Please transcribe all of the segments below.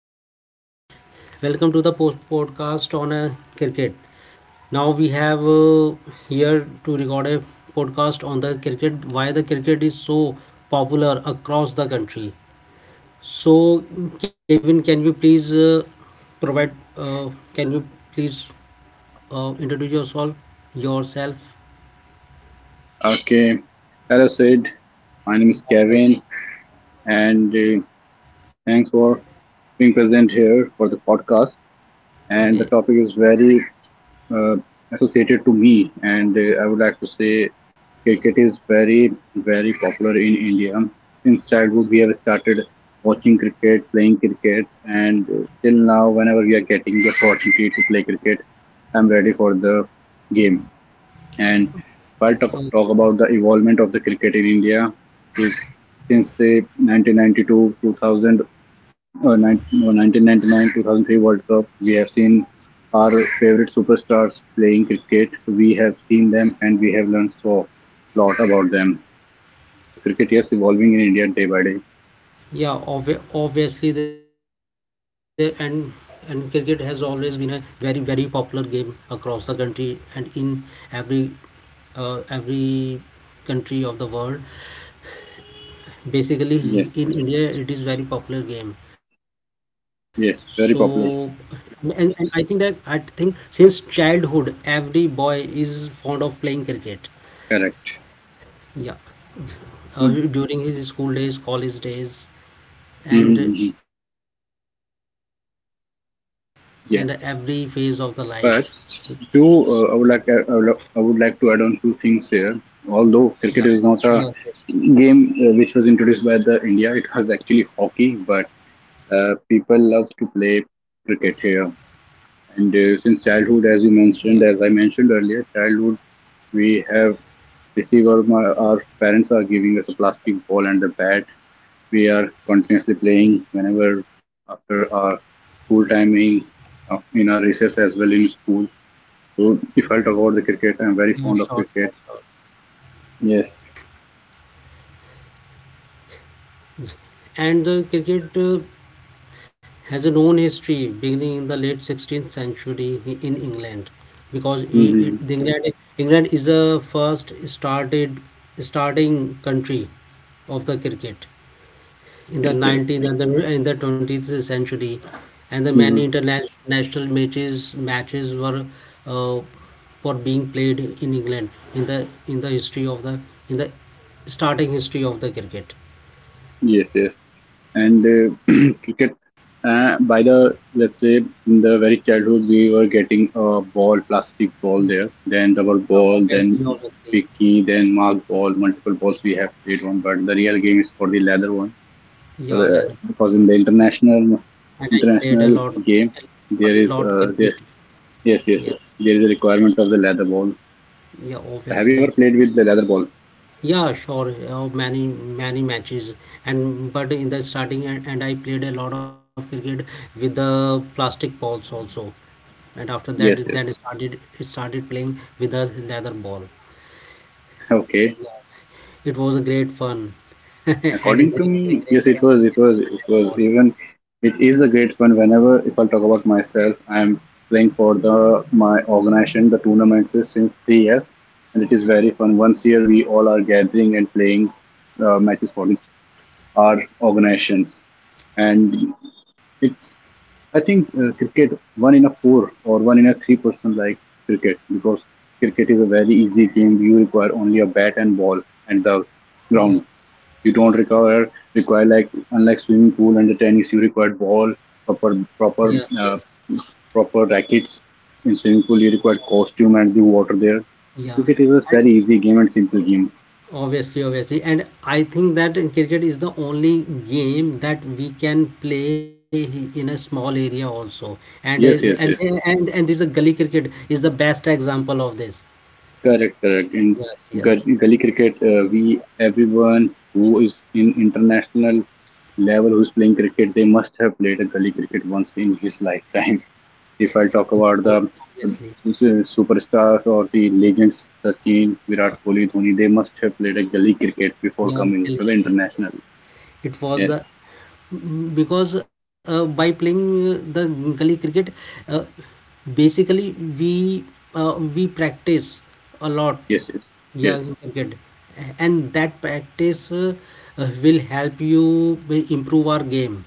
everyone, welcome to the post podcast on cricket. Now we have here to record a podcast on the cricket. Why the cricket is so popular across the country. So Kevin, can you please provide? Can you please introduce yourself? Okay, as I said, my name is Kevin, and thanks for being present here for the podcast. And the Okay. topic is very uh, associated to me, and I would like to say cricket is very, very popular in India. Since childhood, we have started watching cricket, playing cricket, and till now, whenever we are getting the opportunity to play cricket, I'm ready for the game. And if I talk Okay. about the evolvement of the cricket in India is since the 1992, 2000, no, 1999, 2003 World Cup, we have seen our favorite superstars playing cricket. So we have seen them and we have learned so lot about them. So cricket is evolving in India day by day. Yeah, obviously, the and cricket has always been a very, very popular game across the country and in every every country of the world. Basically, Yes, in India, it is very popular game. So, yes, very and, popular. and I think that I think since childhood, every boy is fond of playing cricket. Correct. Yeah, Mhm, during his school days, college days. mhm, and mhm. and every phase of the life. Yes. S- But two, uh, I would like uh, I would I would like to add on two things here. Although Yeah. cricket is not Yes, a yes, game which was introduced by the India, it was actually hockey. But people love to play cricket here, and since yes. childhood, as you mentioned, as I mentioned earlier, childhood we have received our parents are giving us a plastic ball and the bat. We are continuously playing whenever after our school timing, in our recess as well in school. So if I talk about the cricket, I'm very Yeah, fond sure, of sure, cricket. sure. Yes. And the cricket has a known history beginning in the late 16th century in England, because i- it, Hmm. the England, England is the first started starting country of the cricket in the Yes. Yes. 19th and the, in the 20th century, and the many Hmm. international matches were uh, for being played in England in the starting history of the cricket. Yes. Yes. And cricket, by the let's say in the very childhood, we were getting a ball, plastic ball there, then rubber Yeah, ball, then obviously, picky, then mark ball, multiple balls we have played on. But the real game is for the leather one, so yeah, leather because in the roads, international and I played a lot international game, a there is lot cricket. there yes, yes, Yes, yes, there is a requirement of the leather ball. yeah, Have you ever obviously. played with the leather ball? Yeah, sure. Many, many matches, and but in the starting, and I played a lot of cricket with the plastic balls also, and after Yes, that yes. then I started it started playing with a leather ball. Okay. Yes, it was a great fun and a According to great, a me, great yes, experience with the leather ball. It is a great fun. Whenever, if I talk about myself, I am playing for the my organization, the tournaments is since 3 years, and it is very fun. Once year, we all are gathering and playing matches for our organizations, and it's I think cricket one in a four or one in a three-person like cricket because cricket is a very easy game. You require only a bat and ball and the Yes, ground. You don't require like unlike swimming pool and the tennis. You require ball proper yes, proper yes, uh, proper rackets. In swimming pool, you require costume and the water there. yeah. Cricket is a And very easy game and simple game. obviously, and I think that cricket is the only game that we can play in a small area also, and uh, Yes, and yes, yes. and this gully cricket is the best example of this. Correct, correct. In Yes, yes. Gully cricket, we everyone who is in international level who is playing cricket, they must have played a gully cricket once in his lifetime. If I Yeah, talk about ob- the uh, obviously superstars or the legends, Sachin, Virat Kohli, Dhoni, they must have played a gully cricket before Yeah, coming gully to the cricket, international. it was Yes, because by playing the gully cricket, uh, basically we practice a lot, yes, yes, yeah, yes. in cricket. And that practice will help you improve our game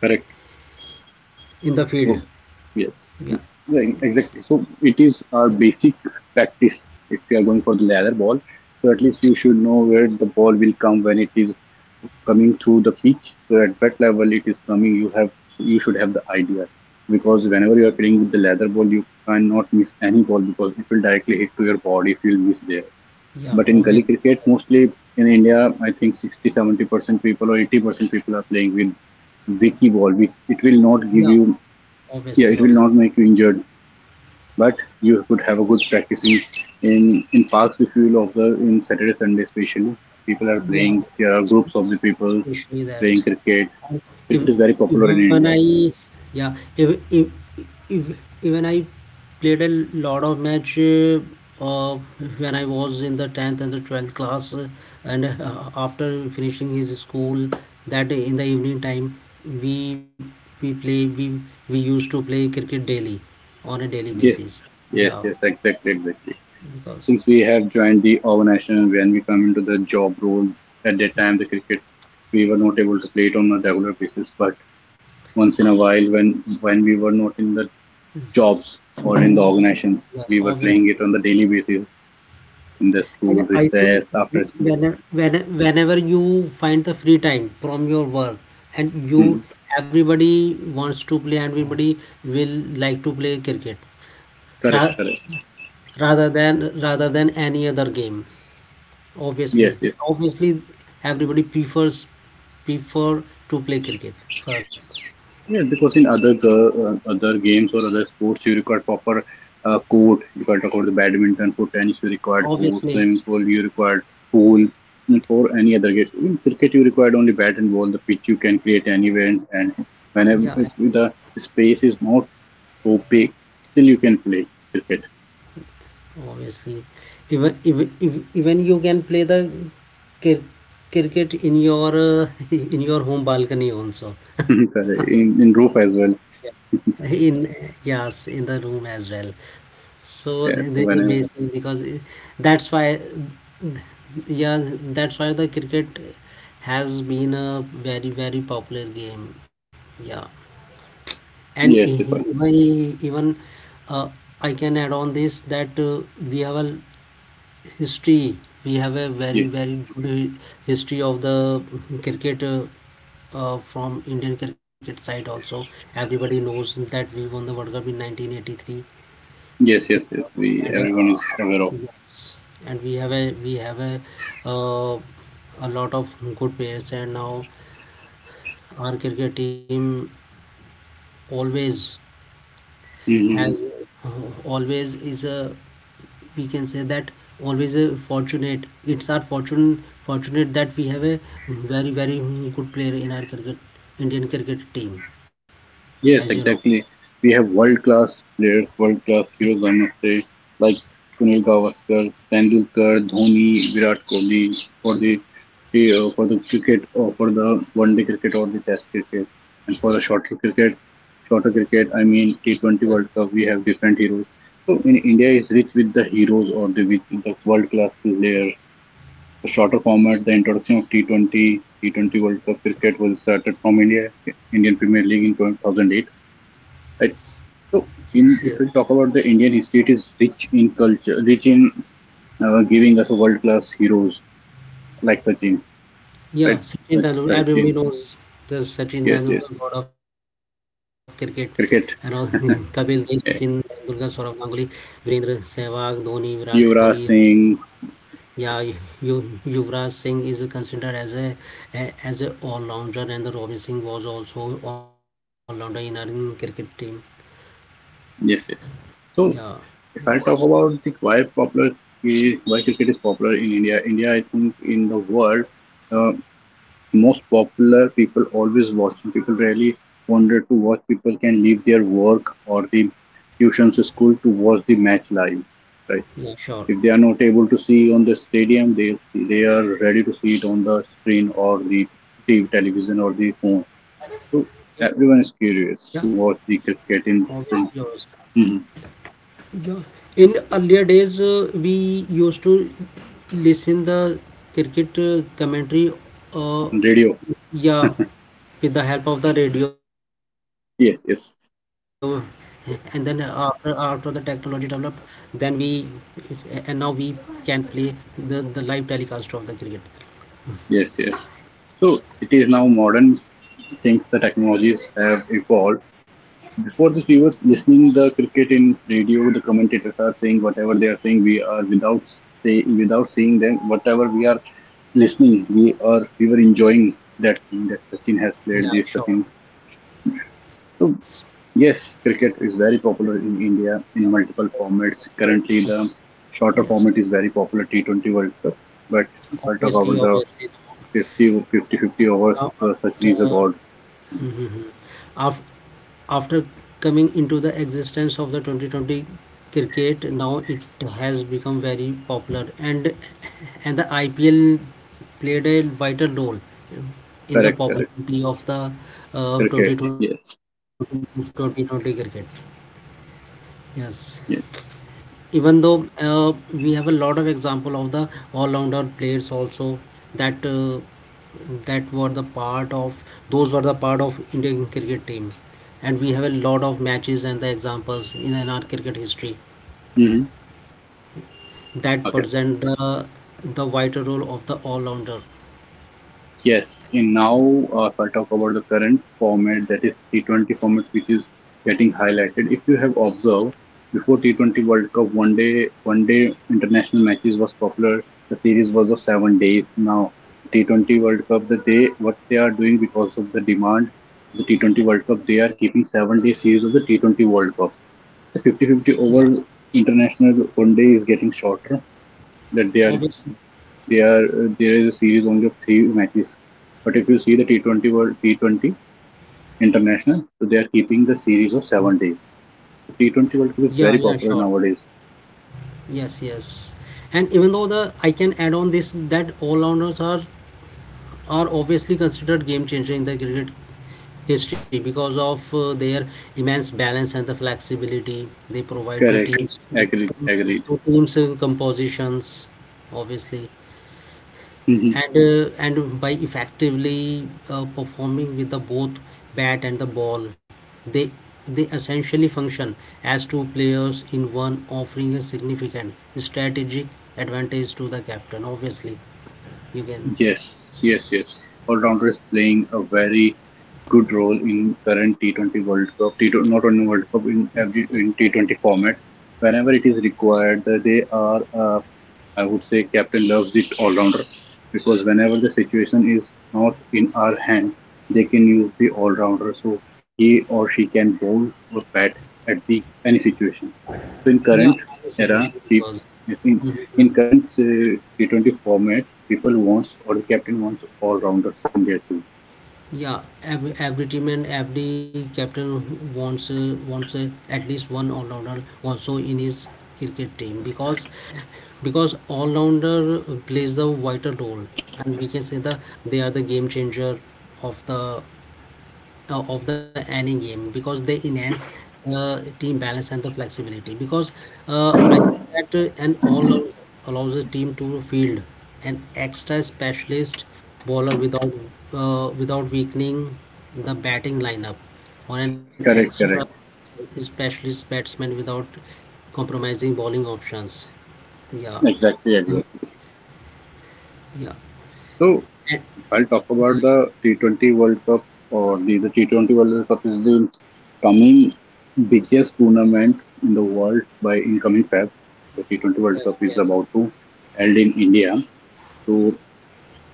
Correct. in the field. So, yes, Yeah. yeah, Yes. exactly. So, it is Yeah, our basic practice if you are going for the ladder ball. So, at least you should know where the ball will come when it is coming through the pitch. So, at what level it is coming, you should have the idea, because whenever you are playing with the leather ball, you cannot miss any ball because it will directly hit to your body if you will miss there. yeah, But in gully obviously, cricket, mostly in India, I think 60-70% people or 80% people are playing with wicky ball. We, it will not yeah, give you, yeah, obviously it will obviously not make you injured. But you could have a good practicing in parks if you will observe in Saturday Sunday especially. People are playing. Yeah, There are groups of the people especially playing that. cricket. Cricket is If very popular in even India. I, Yeah, if even I played a lot of match, uh, when I was in the 10th and the 12th class, and after finishing his school, that in the evening time we we play we we used to play cricket daily, on a daily Yes, basis. yes, Yeah, yes, exactly, exactly. Since because we have joined the organization, when we come into the job role, at that time the cricket we were not able to play it on a regular basis. But once in a while, when we were not in the jobs or in the organizations, yeah, we were playing it obviously. on the daily basis in the school And I think recess after school. whenever you find the free time from your work, and you Mhm. everybody wants to play, and everybody will like to play cricket Correct, ra- correct. rather than any other game, obviously Yes, yes. obviously. Everybody prefers prefer to play cricket first, Yes, because in other games or other sports, you require proper court. If I talk about the badminton, for tennis, you required court. obviously. Swimming pool, you required pool. And for any other game, in cricket, you required only bat and ball. The pitch you can create anywhere, and whenever Yeah, if the space is not so big, still you can play cricket. obviously, even you can play the cri- cricket in your in your home balcony also. Correct. In roof as well. in Yes, in the room as well. So th- Yes, there's a whenever. basin. Because that's why, yeah, that's why the cricket has been a very, very popular game. Yeah. And e- Yes, e- if I, even even uh, I can add on this that we have a history. We have a very, yes. very good history of the cricket, from Indian cricket side also. Everybody knows that we won the World Cup in 1983. Yes, yes, yes. We And everyone is aware of. yes, and we have uh, a lot of good players. And now our cricket team always Hmm. has uh, always is a we can say that, always fortunate, it's our fortune fortunate that we have a very, very, good player in our cricket Indian cricket team, as you Yes, know. exactly. We have world class players, world class heroes. I must say, like Sunil Gavaskar, Tendulkar, Dhoni, Virat Kohli, for the Yes, cricket or for the one day cricket or the test cricket, and for the shorter cricket. I mean T 20 yes, World Cup. We have different heroes. So in India is rich with the heroes or the with the world class players. The shorter format, the introduction of T20 World Cup cricket, was started from India, Indian Premier League in 2008. Right. So, yes, in yes. if we talk about the Indian history, it is rich in culture, rich in giving us world class heroes like Sachin, Yeah, right? Sachin Tendulkar, everybody Sachin, knows the Sachin yes, Tendulkar, yes. god of cricket, and all Kapil Cricket, Dev, Sachin Tendulkar, yeah. Saurav Ganguly, Virendra Sehwag, Dhoni, Virat Kohli. Yuvraj Singh, Yeah, Yuvraj Singh is considered as a, as a all-rounder, and the Robin Singh was also all-rounder in our cricket team. yes, yes. Yeah, So, if I talk about the why cricket is popular in India, India I think in the world. Uh, most popular, people always watching, people really wanted to watch, people can leave their work or the tuitions to school to watch the match live, right? yeah, sure. If they are not able to see on the stadium, they are ready to see it on the screen or the TV, television or the phone. So Yeah, everyone is curious to watch the obviously cricket in yours. Mhm. Yeah. In earlier days, we used to listen the cricket commentary, uh, On radio, yeah, with the help of the radio. And then yes, yes, after the technology developed, then we and now we can play the live telecast of the cricket. yes, yes. So it is now modern things, the technologies have evolved. Before, the viewers listening the cricket in radio, the commentators are saying whatever they are saying. We are without say without seeing them. Whatever we are listening, we were enjoying that thing, that Sachin has Yeah, played these sure. things. So yes, cricket is very popular in India in multiple formats. Currently, the shorter Yes, format is very popular, T20 World Cup. But if I talk obviously, about the obviously. 50, 50, 50 overs, Now, the after Sachin is a god. Mhm. Af- After coming into the existence of the 2020 cricket, now it has become very popular, and and the IPL played a vital role in the Correct, correct. popularity of the Cricket, yes, 2020 cricket. Yes, even yes. though we have a lot of example of the all-rounder players also, that that were the part of those were the part of Indian cricket team, and we have a lot of matches and the examples in our cricket history Hmm. that present the vital role of the all-rounder. Yes, in now, if I talk about the current format, that is T20 format, which is getting highlighted. If you have observed, before T20 World Cup, one day international matches was popular. The series was of 7 days. Now, T20 World Cup, the day what they are doing because of the demand of the T20 World Cup, they are Yes, keeping 7 day series of the T20 World Cup. The 50 yeah, 50 over international one day is getting shorter. That they are obviously. there there is a series only of three matches. But if you see the T20 World T20 International, so they are keeping the series of 7 days. T20 Yeah, World Cup yeah, is very sure. popular nowadays. Yes, yes. And even though the I can add on this that all rounders are obviously considered game changer in the cricket history because of their immense balance and the flexibility they provide to Correct. teams, Agreed. Agreed. Compositions, obviously. And by effectively performing with the both bat and the ball, they they essentially function as two players in one, offering a significant strategic advantage to the captain, obviously. You can. Yes, yes, yes. All-rounder is playing a Yes, very good role in current T20 World Cup, T 20, not only World Cup in yes, every yes. in T20 format. Whenever it is required, they are. I would say captain loves it, all-rounder, because whenever the situation is not in our hand, they can use the all-rounder. So he or she can bowl or bat at the any situation. So in Yeah, current I know era, situation because. yes, in, Mhm, mhm. in current T20 format, people wants or the captain wants all rounders in their team. Yeah, every team and every captain wants wants at least one all rounder also in his cricket team, because all rounder plays the vital role. And we can say that they are the game changer of the any game because they enhance team balance and the flexibility. Because I think that an all round allows a team to field an extra specialist bowler without without weakening the batting lineup, or an extra Correct, correct. specialist batsman without compromising bowling options. Yeah. Exactly, And- exactly. yeah. So And- I'll talk about yeah, yeah. the T20 World Cup or the T20 World Cup is the coming biggest tournament in the world by incoming Feb. The T20 World Cup Yes, is yes. about to held in India. So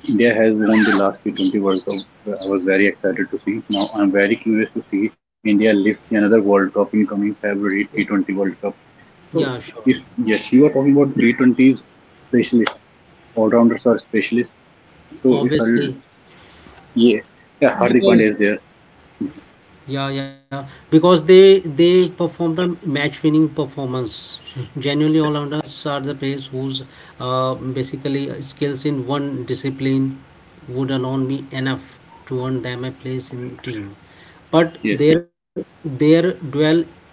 India has won the last T20 World Cup. I was very excited to see. Now I'm very curious to see India lift another World Cup in coming February T20 World Cup. So Yeah, if sure. yes, you are talking about T20s specialist, all rounders are specialists. So if I Obviously, yeah, yeah, Hardik Pandya is there. because yeah, yeah, because they performed a match-winning performance. Genuinely, Yes, all-rounders are the players whose basically skills in one discipline would alone be enough to earn them a place in team. But yes, yes, their dual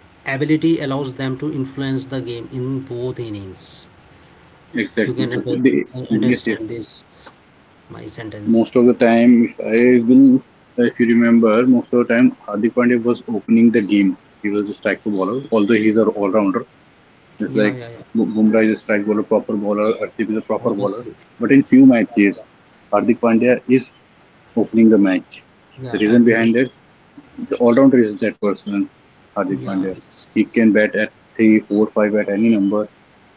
ability allows them to influence the game in both innings. You can exactly. under- understand Yes, this, yes, yes. my sentence. Most of the time, if I will, if you remember, most of the time Hardik Pandya was opening the game. He was a striker bowler, although he's an all rounder. Yeah, It's yeah, like yeah. Bumrah is a strike bowler, proper bowler, Arshdeep is a proper Obviously, bowler. But in few matches, Hardik Pandya is opening the match. yeah. The reason Everybody. behind it, the all-rounder is that person, Yeah. Hardik Pandya. He can bat at three, four, five at any number,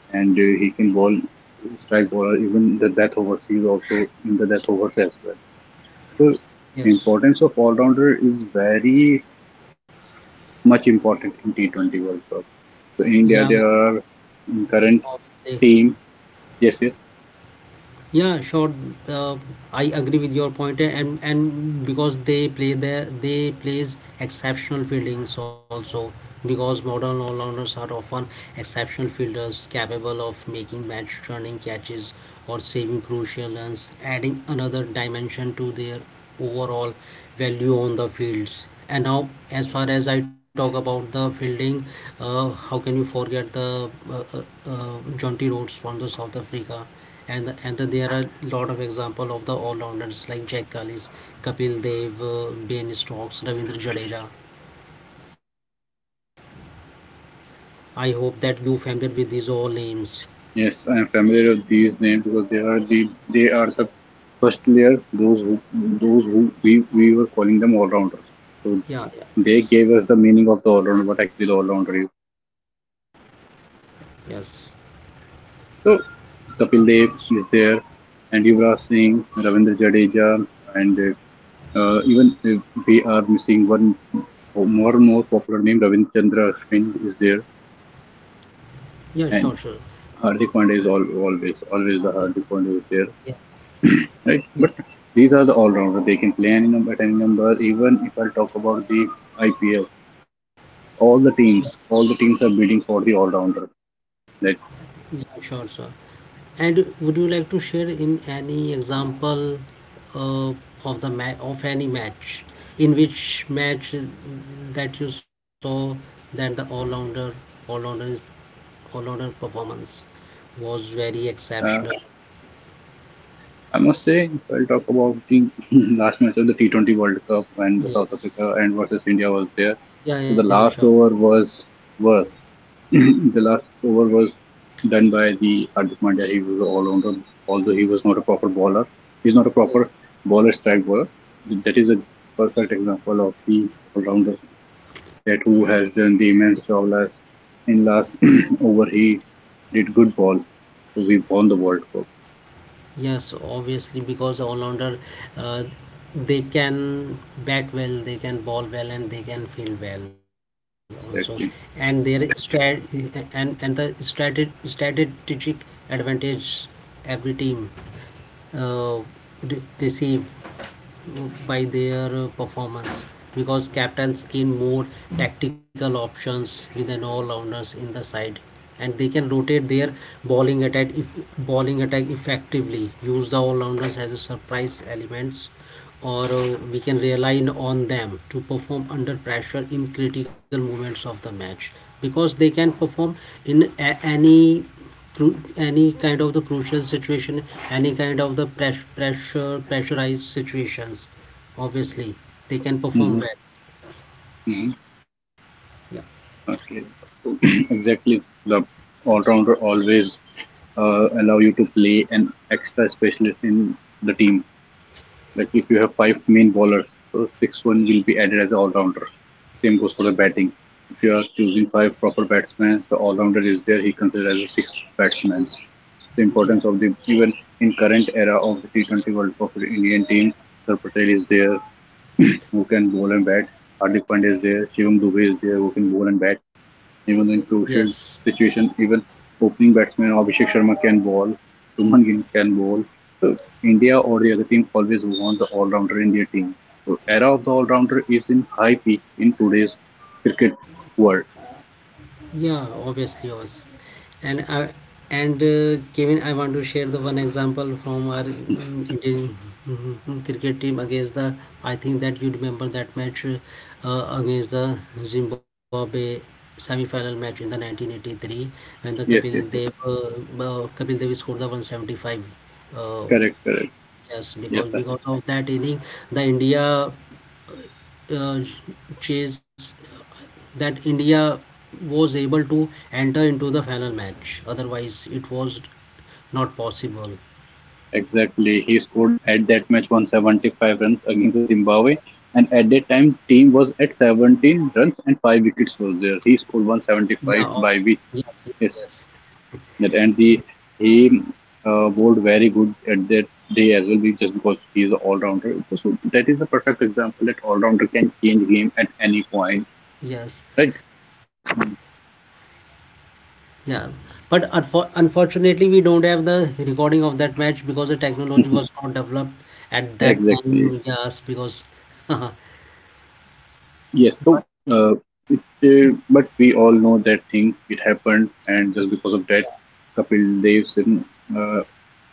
and he can bowl strike bowler even the death overs. He is also in the death overs as well. So Yes. importance of all-rounder is very much important in T20 World Cup. So in Yeah, India, there yeah, are in current obviously. team. Yes, yes. Yeah, sure. Uh, I agree with your point, eh, and because they play there, they plays exceptional fieldings also. Because modern all-rounders are often exceptional fielders capable of making match-turning catches or saving crucial runs, adding another dimension to their overall value on the fields. And now, as far as I talk about the fielding, how can you forget the Jonty Rhodes from the South Africa? And there are a lot of example of the all-rounders like Jack Grealish, Kapil Dev, Ben Stokes, Ravindra Jadeja. I hope that you familiar with these all names. Yes, I am familiar with these names because they are the first layer. Those who we were calling them all rounders. So Yeah. Yeah. they gave us the meaning of the all rounder, what actually the all rounder is. Yes. So Kapil Dev is there, and Yuvraj Singh, Ravindra Jadeja, and even if we are missing one more and more popular name, Ravindra Chandra Ashwin is there, Yeah. Sure. Sure. and Hardik Pandya is always Okay. the Hardik Pandya is there, Yeah. right? Yes. But these are the all-rounders. They can play any number at any number. Even if I talk about the IPL, all the teams are bidding for the all-rounder. Like Yeah. Sure. Sure. And would you like to share in any example uh, of the of any match, in which match that you saw that the all-rounder is O'Connor performance was very uh, exceptional. I must say, if I will talk about the last match of the T20 World Cup when the South Yes. Africa and versus India was there, Yeah, so yeah, the sure. last over was worse. The last over was done by the Hardik Pandya. He was all rounder, although he was not a proper bowler. He's not a Yes. proper bowler strike bowler. That is a perfect example of the all rounders that who has done the immense job last in last over. He did good balls, so we won the World Cup. Yes, obviously, because all-rounder, uh, they can bat well, they can bowl well, and they can field well also. And their Exactly. strat and the strateg strategic advantage every team uh, re receive by their performance because captains gain more tactical options with an all-rounders in the side, and they can rotate their bowling attack if bowling attack, effectively use the all-rounders as a surprise elements, or we can rely on them to perform under pressure in critical moments of the match because they can perform in any any kind of the crucial situation, any kind of the press- pressure pressurized situations, obviously. They can perform Hmm. well. Hmm. Yeah, Okay. Exactly. The all yes, rounder always allow you to play an extra specialist in the team. Like if you have five main bowlers, so six one will be added as an all rounder. Same goes for the batting. If you are choosing five proper batsmen, the all rounder is there. He considered as a sixth batsman. The yeah, importance of the even in current era of the T20 World Cup for the Indian team, Sir Patel is there who can bowl and bat. Hardik Pandya is there. Shivam Dubey is there who can bowl and bat. Even yes, in crucial situation, even opening batsman Abhishek Sharma can bowl, Suman Gill can bowl. So India or the other team always want the all-rounder in their team. So era of the all-rounder is in high peak in today's cricket world. yeah, obviously, yes. And Kevin, I want to share the one example from our Indian cricket team against the. I think that you remember that match against the Zimbabwe semi-final match in the 1983, when the Kapil Yes, yes, Dev yes. Kapil Dev scored the 175. Uh, Correct, correct. yes, because Yes, sir. Of that inning, the India uh, chase that India was able to enter into the final match. Otherwise, it was not possible. Exactly. He scored at that match 175 runs against the Zimbabwe, and at that time team was at 17 runs and five wickets was there. He scored Yeah, obviously. 175, Yes, by yes, which. yes. Yes. That and the he bowled very good at that day as well, just because he is an all rounder. So that is the perfect example that all rounder can change game at any point, Yes, right? yeah. But unfortunately, we don't have the recording of that match because the technology was not developed at that Exactly. time. Yes, because Yes. So, uh, it, but we all know that thing. It happened, and just because of that, Kapil Dev's uh,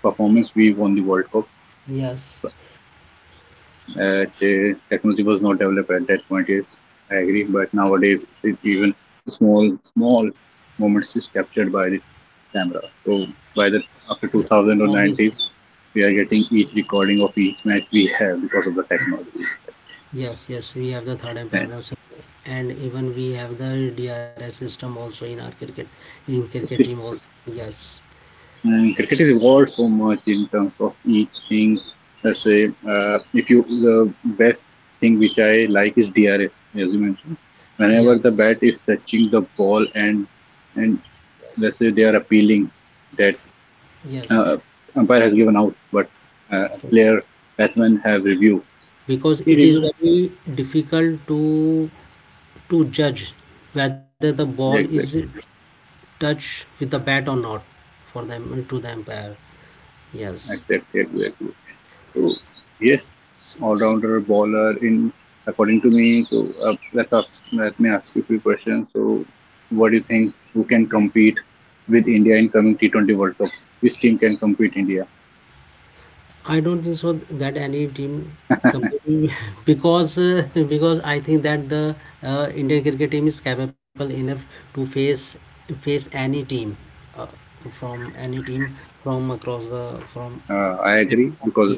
performance, we won the World Cup. yes, uh, technology was not developed at that point. Yes, I agree. But nowadays, even small moments is captured by the camera. So by the yeah, after 2000 or obviously. 90s, we are getting each recording of each match we have because of the technology. Yes, yes, we have the third umpire And also, and even we have the DRS system also in our cricket it's team. Also. Yes, And cricket is evolved so much in terms of each thing. Let's say, if you the best thing which I like is DRS, as you mentioned. Whenever yes, the bat is touching the ball and yes, let's say they are appealing that yes, uh, umpire has given out, but yes. player batsman have review. Because He it is review, very difficult to judge whether the ball is exactly, touched with the bat or not for them to the umpire. Yes. exactly, exactly. So yes, all-rounder bowler. In According to me, so let me ask you a few questions. So, what do you think? Who can compete with India in coming T20 World Cup? Which team can compete India? I don't think so that any team completely because because I think that the Indian cricket team is capable enough to face any team uh, from any team from across the from I agree because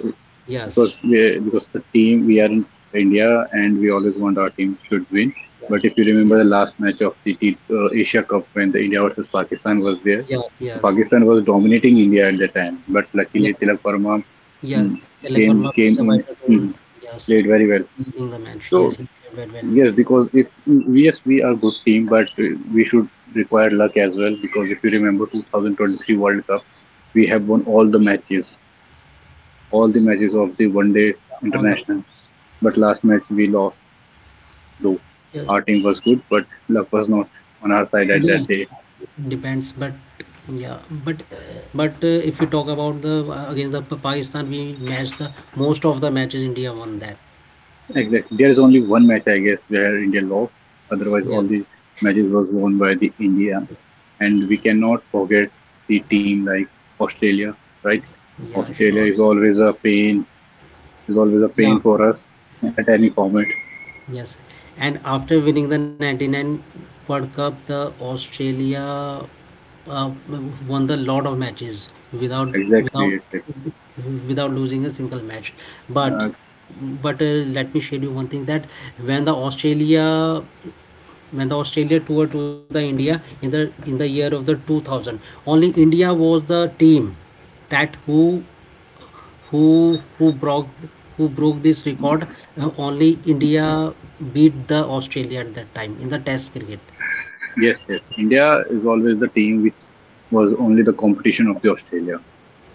yes, because the team we are in India and we always want our team should win. But if yes, you yes, remember the last match of the Asia Cup when the India versus Pakistan was there, yes, yes, Pakistan was dominating India at the time, but luckily yes, Tilak Verma. Mm. yes. Tilak Came Verma came played the in, vital mhm, role, played yes. very well. In the So match, yes, he played very well. yes, because if yes we are good team, but we should require luck as well. Because if you remember 2023 World Cup, we have won all the matches, of the one day All the international. But last match we lost. Though our team yes. was good, but luck was not on our side at Yeah, that day. depends, but yeah. but but If you talk about the against the Pakistan, we matched the most of the matches, India won that. Exactly. There is only one match, I guess, where India lost. Otherwise, all the Yes, matches was won by the India. And we cannot forget the team like Australia, right? yeah, Australia sure. is always a pain. Is always a Yeah, pain for us at any format. yes. And after winning the 99 world cup, the Australia uh, won the lot of matches without Exactly, without exactly. Losing a single match. But Uh, but Let me share you one thing, that when the Australia toured to the India in the year of the 2000. Only India was the team that who who broke who broke this record. Only India beat the Australia at that time in the Test cricket. Yes, yes. India is always the team which was only the competition of the Australia.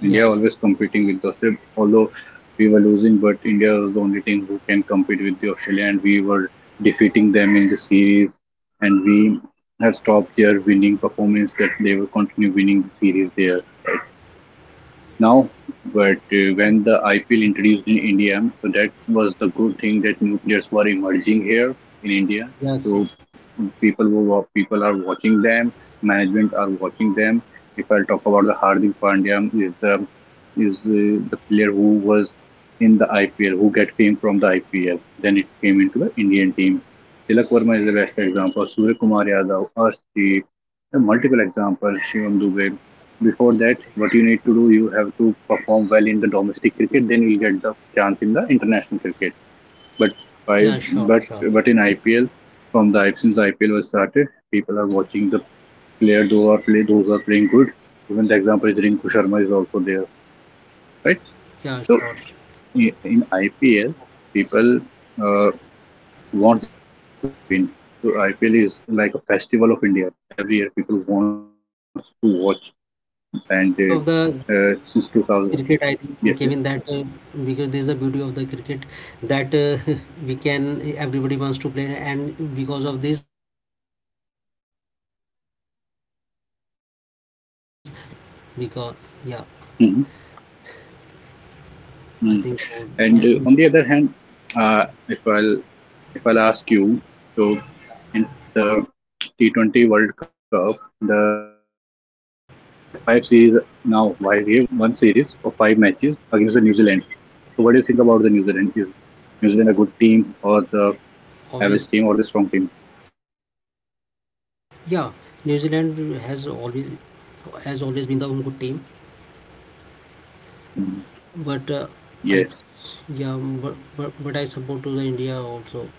India Yes, always competing with the Australia, although we were losing, but India was the only team who can compete with the Australia, and we were defeating them in the series, and we had stopped their winning performance that they will continue winning the series there now. But when the IPL introduced in India, so that was the good thing that new players were emerging here in India. yes, So people are watching them, management are watching them. If I talk about the Hardik Pandya, is the the player who was in the IPL, who get fame from the IPL, then it came into the Indian team. Tilak Verma is the best example, Surya Kumar Yadav, Arshdeep. There are multiple examples, Shivam Dubey. Before that, what you need to do, you have to perform well in the domestic cricket, then you'll get the chance in the international cricket. yeah, But sure, by sure, but but in IPL, from the since the IPL was started, people are watching the players who are play, those are playing good. Even the example is Rinku Sharma is also there, right? yeah, sure, So sure. In IPL, people uh, want their player to win. So IPL is like a festival of India. Every year, people want to Yeah, watch, yeah. This is the and beauty of the since 2000, cricket, I think, Kevin, that yes, because yes. this is the beauty of the cricket that we can everybody wants to play, and because of this, cricket is most famous game across the world. Because yeah, Mhm, I think mm. so. And And on the other hand, uh, if I'll if I'll ask you, so in the T20 World Cup, the we have five series now. Why we have one series for five matches against the New Zealand. So what do you think about the New Zealand, a good team or the average team or the obviously, strong team? yeah, New Zealand has always been the good team, Mhm. but I Yes. yeah, but I support to the India also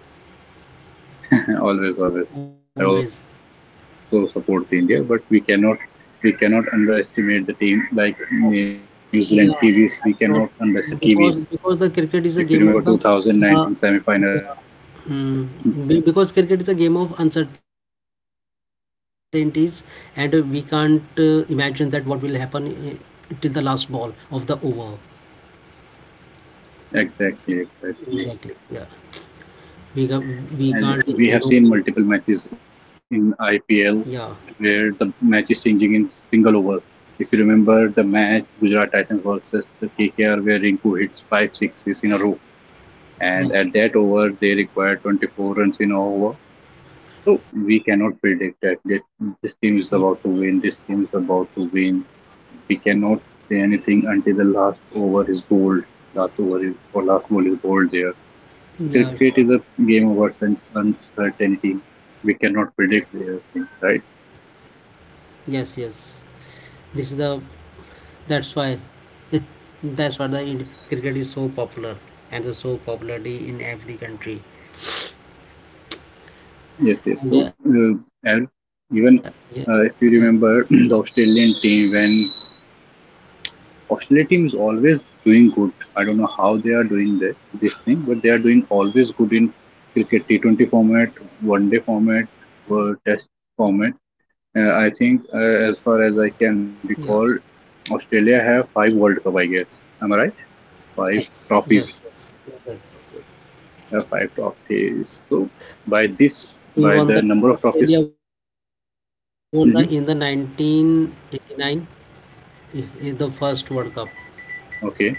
Always, always. I always. also support the India, but we cannot underestimate the team like New Zealand Kiwis. We cannot Yeah, underestimate the that's what. Kiwis. If you because remember because the cricket is a 2019 game of the semi-final, uh, yeah. Hmm. Because cricket is a game of uncertainties, and we can't imagine that what will happen till the last ball of the over. exactly, exactly. Exactly. Yeah. We ca- And we we can't have seen ignore. multiple matches in IPL Yeah. where the match is changing in single overs. If you remember the match Gujarat Titans versus the KKR where Rinku hits five sixes in a row, and at Yeah. that over they required 24 runs in a over. So we y- cannot predict that this team is about to win, this team is about to win. We cannot say anything until the last over is bowled, last over is, or last ball is bowled there. Yeah. Cricket Sure. is a game of uncertainty. We cannot predict their things, right? Yes. Yes. This is the That's why, that's why the cricket is so popular and so popularity in every country. Yes, yes. And So yeah, as yes, even if you remember the Australian team when Oscillating is always doing good. I don't know how they are doing this thing, but they are doing always good in cricket T20 format, one day format, test format. I yes, think, as far as I can recall, Australia have five World Cup, I guess. Am I right? yes, Five yes, yes, trophies. yes, sir. Five trophies. So We by won the the number of trophies. Australia won the in the Hmm. 1989, the first World Cup. Okay.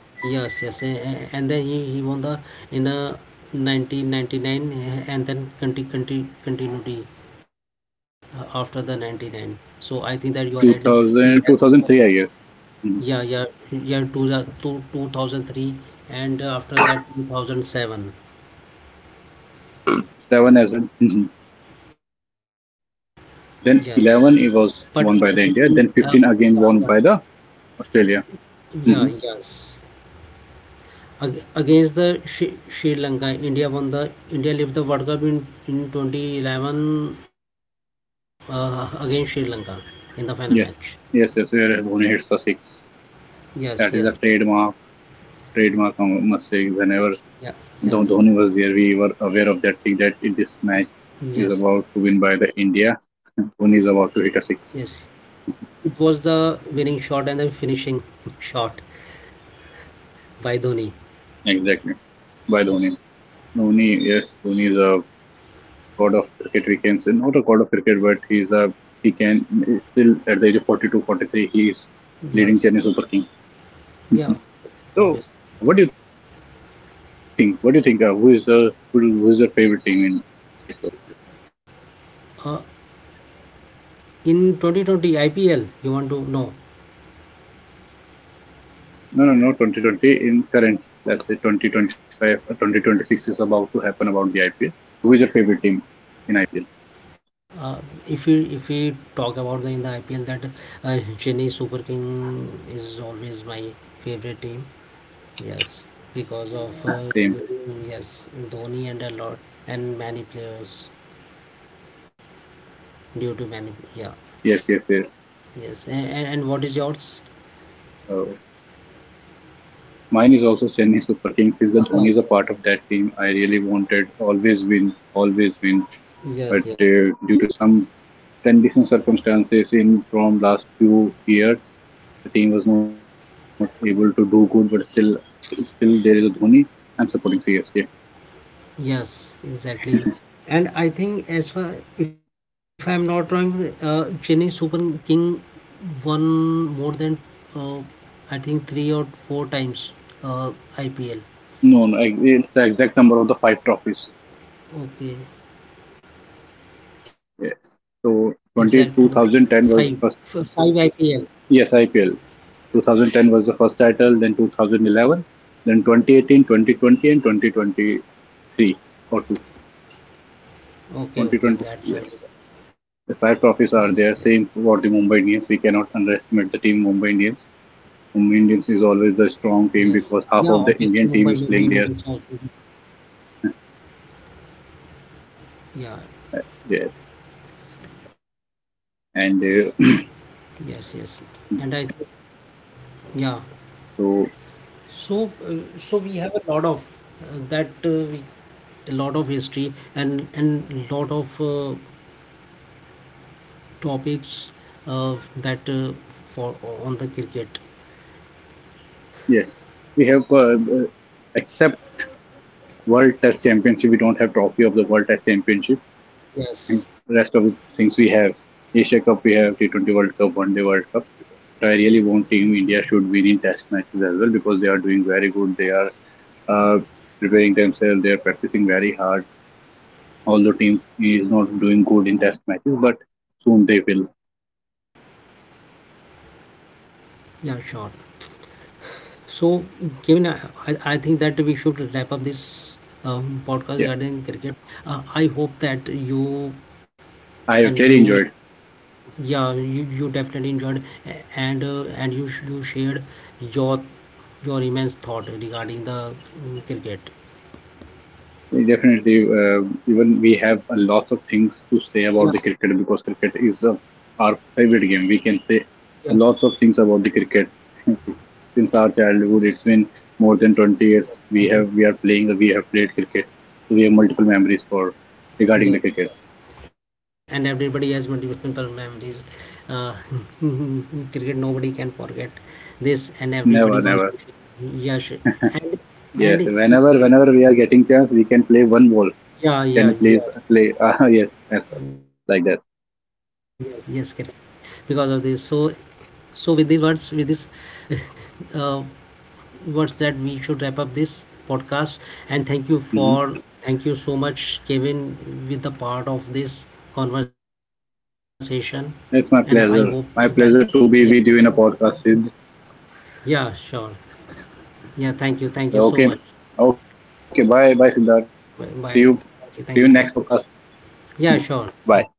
Yes, yes, and then he won the in 1999, eh, and then continuity after the 99. two So I think that thousand, you two are right. thousand three. I guess. He has Mhm. Yeah, yeah, year 2003, and after that 2007. Seven as well. Mm-hmm. Then 11 Yes. it was won But, by the India. but Then in, 15 uh, again but- won by the yeah, Australia. Hmm. yeah, yeah, yes. Ag against the Sri Lanka, India won the India left the World Cup in 2011 against Sri Lanka in the final match. Yes, yes, yes. Where Dhoni hits the six. Yes, That is yes. a trademark. Trademark, I must say. Whenever Yeah, yes. Dhoni was there, we were aware of that thing that in this match is Yes, about to win by the India. yes. Dhoni is about to hit a six. It was the winning shot and the finishing shot by Dhoni. Exactly by Dhoni. Dhoni, yes, Dhoni is a god of cricket. We can say not a god of cricket, but he can still at the age of 42, 43, he is Yes. leading Chennai Super Kings. Yeah, obvious. So, what do you think? What do you think? Who is your favorite team in IPL? Uh, in 2020 IPL, you want to know. No, no, no. 2020 in current. Let's say 2025, 2026 is about to happen about the IPL. So, who is your favorite team in IPL? uh, if we talk about the in the IPL, that Chennai Super King is always my favorite team. Yes, because of Same. yes, Dhoni and a lot and many players due to many, yeah, Yes, yes, yes. yes. And what is yours? Uh, Mine is also Chennai Super Kings. Is the Dhoni is a Okay. part of that team? I really wanted always win, always win. But Yes, yes. Due to some condition circumstances in from last few years, the team was not able to do good, but still, still there is a Dhoni. I'm supporting CSK. Yes, exactly. And I think, as far, if I'm not wrong, Chennai Super King won more than uh, I think three or four times IPL. No, no, it's the exact number of the five trophies. Okay, exact Yes. number, So five, 20 two five thousand ten IPL. was first. Yes, IPL. 2010 was the first title. Then 2011. Then 2018, 2020, and 2023 or two. Okay, okay, that's right. 2023. Yes. The Yes, five yes, trophies are there. Same for the Mumbai Indians. We cannot underestimate the team Mumbai Indians. Mumbai Indians is always yes. the Yeah, strong team obviously because Mumbai half of the main Indian Indians team is also. playing there. Yeah, Yes. yes, yes. And And I think, yeah. So uh, so so we have a lot of that we a lot of history and lot of topics uh, that for on the cricket. yes, we have except world test championship, we don't have trophy of the world test championship. Yes, Mm. Rest of the things we have, Asia Cup, we have T20 World Cup, one day World Cup. But I really want team India should win in test matches as well because they are doing very good, they are uh, preparing themselves, they are practicing very hard. Although team is not doing good in test matches, but soon they will. yeah, sure. So, Kevin, I think that we should wrap up this podcast Yeah, regarding cricket. I hope that you and I you, have really enjoyed. yeah, you definitely enjoyed. And and you you shared your your immense thought regarding the cricket. Definitely, even we have a lot of things to say Yeah. about the cricket because cricket is our favorite game. We can say Yes. a lot of things about the cricket since our childhood. It's been more than 20 years. We Every, have we are playing. We have played cricket, so we have multiple memories for yes, regarding the yes. cricket. And everybody has multiple memories. Uh, cricket, nobody can forget this, and everybody wants Never, to never. share. Yeah, sh- and Yes, and whenever we are getting chance, we can play one ball. yeah, yeah, Can you yes, please play? Yes, yes, sir. yes, yes, Like that. correct. Because of this, so so with these words, with this uh, words that we should wrap up this podcast. And Hmm. thank you so much, Kevin, with the part of this conversation. And I hope It's that my pleasure. My yeah, pleasure to be with you in a podcast, Sid. yeah, sure. Yeah, thank you so Okay. much. Okay. Bye. Bye, Siddharth. See you. Bye. See you Bye. next Thank podcast. you, thank you, Kevin. Hmm. Bye. Yeah, sure. Thank you.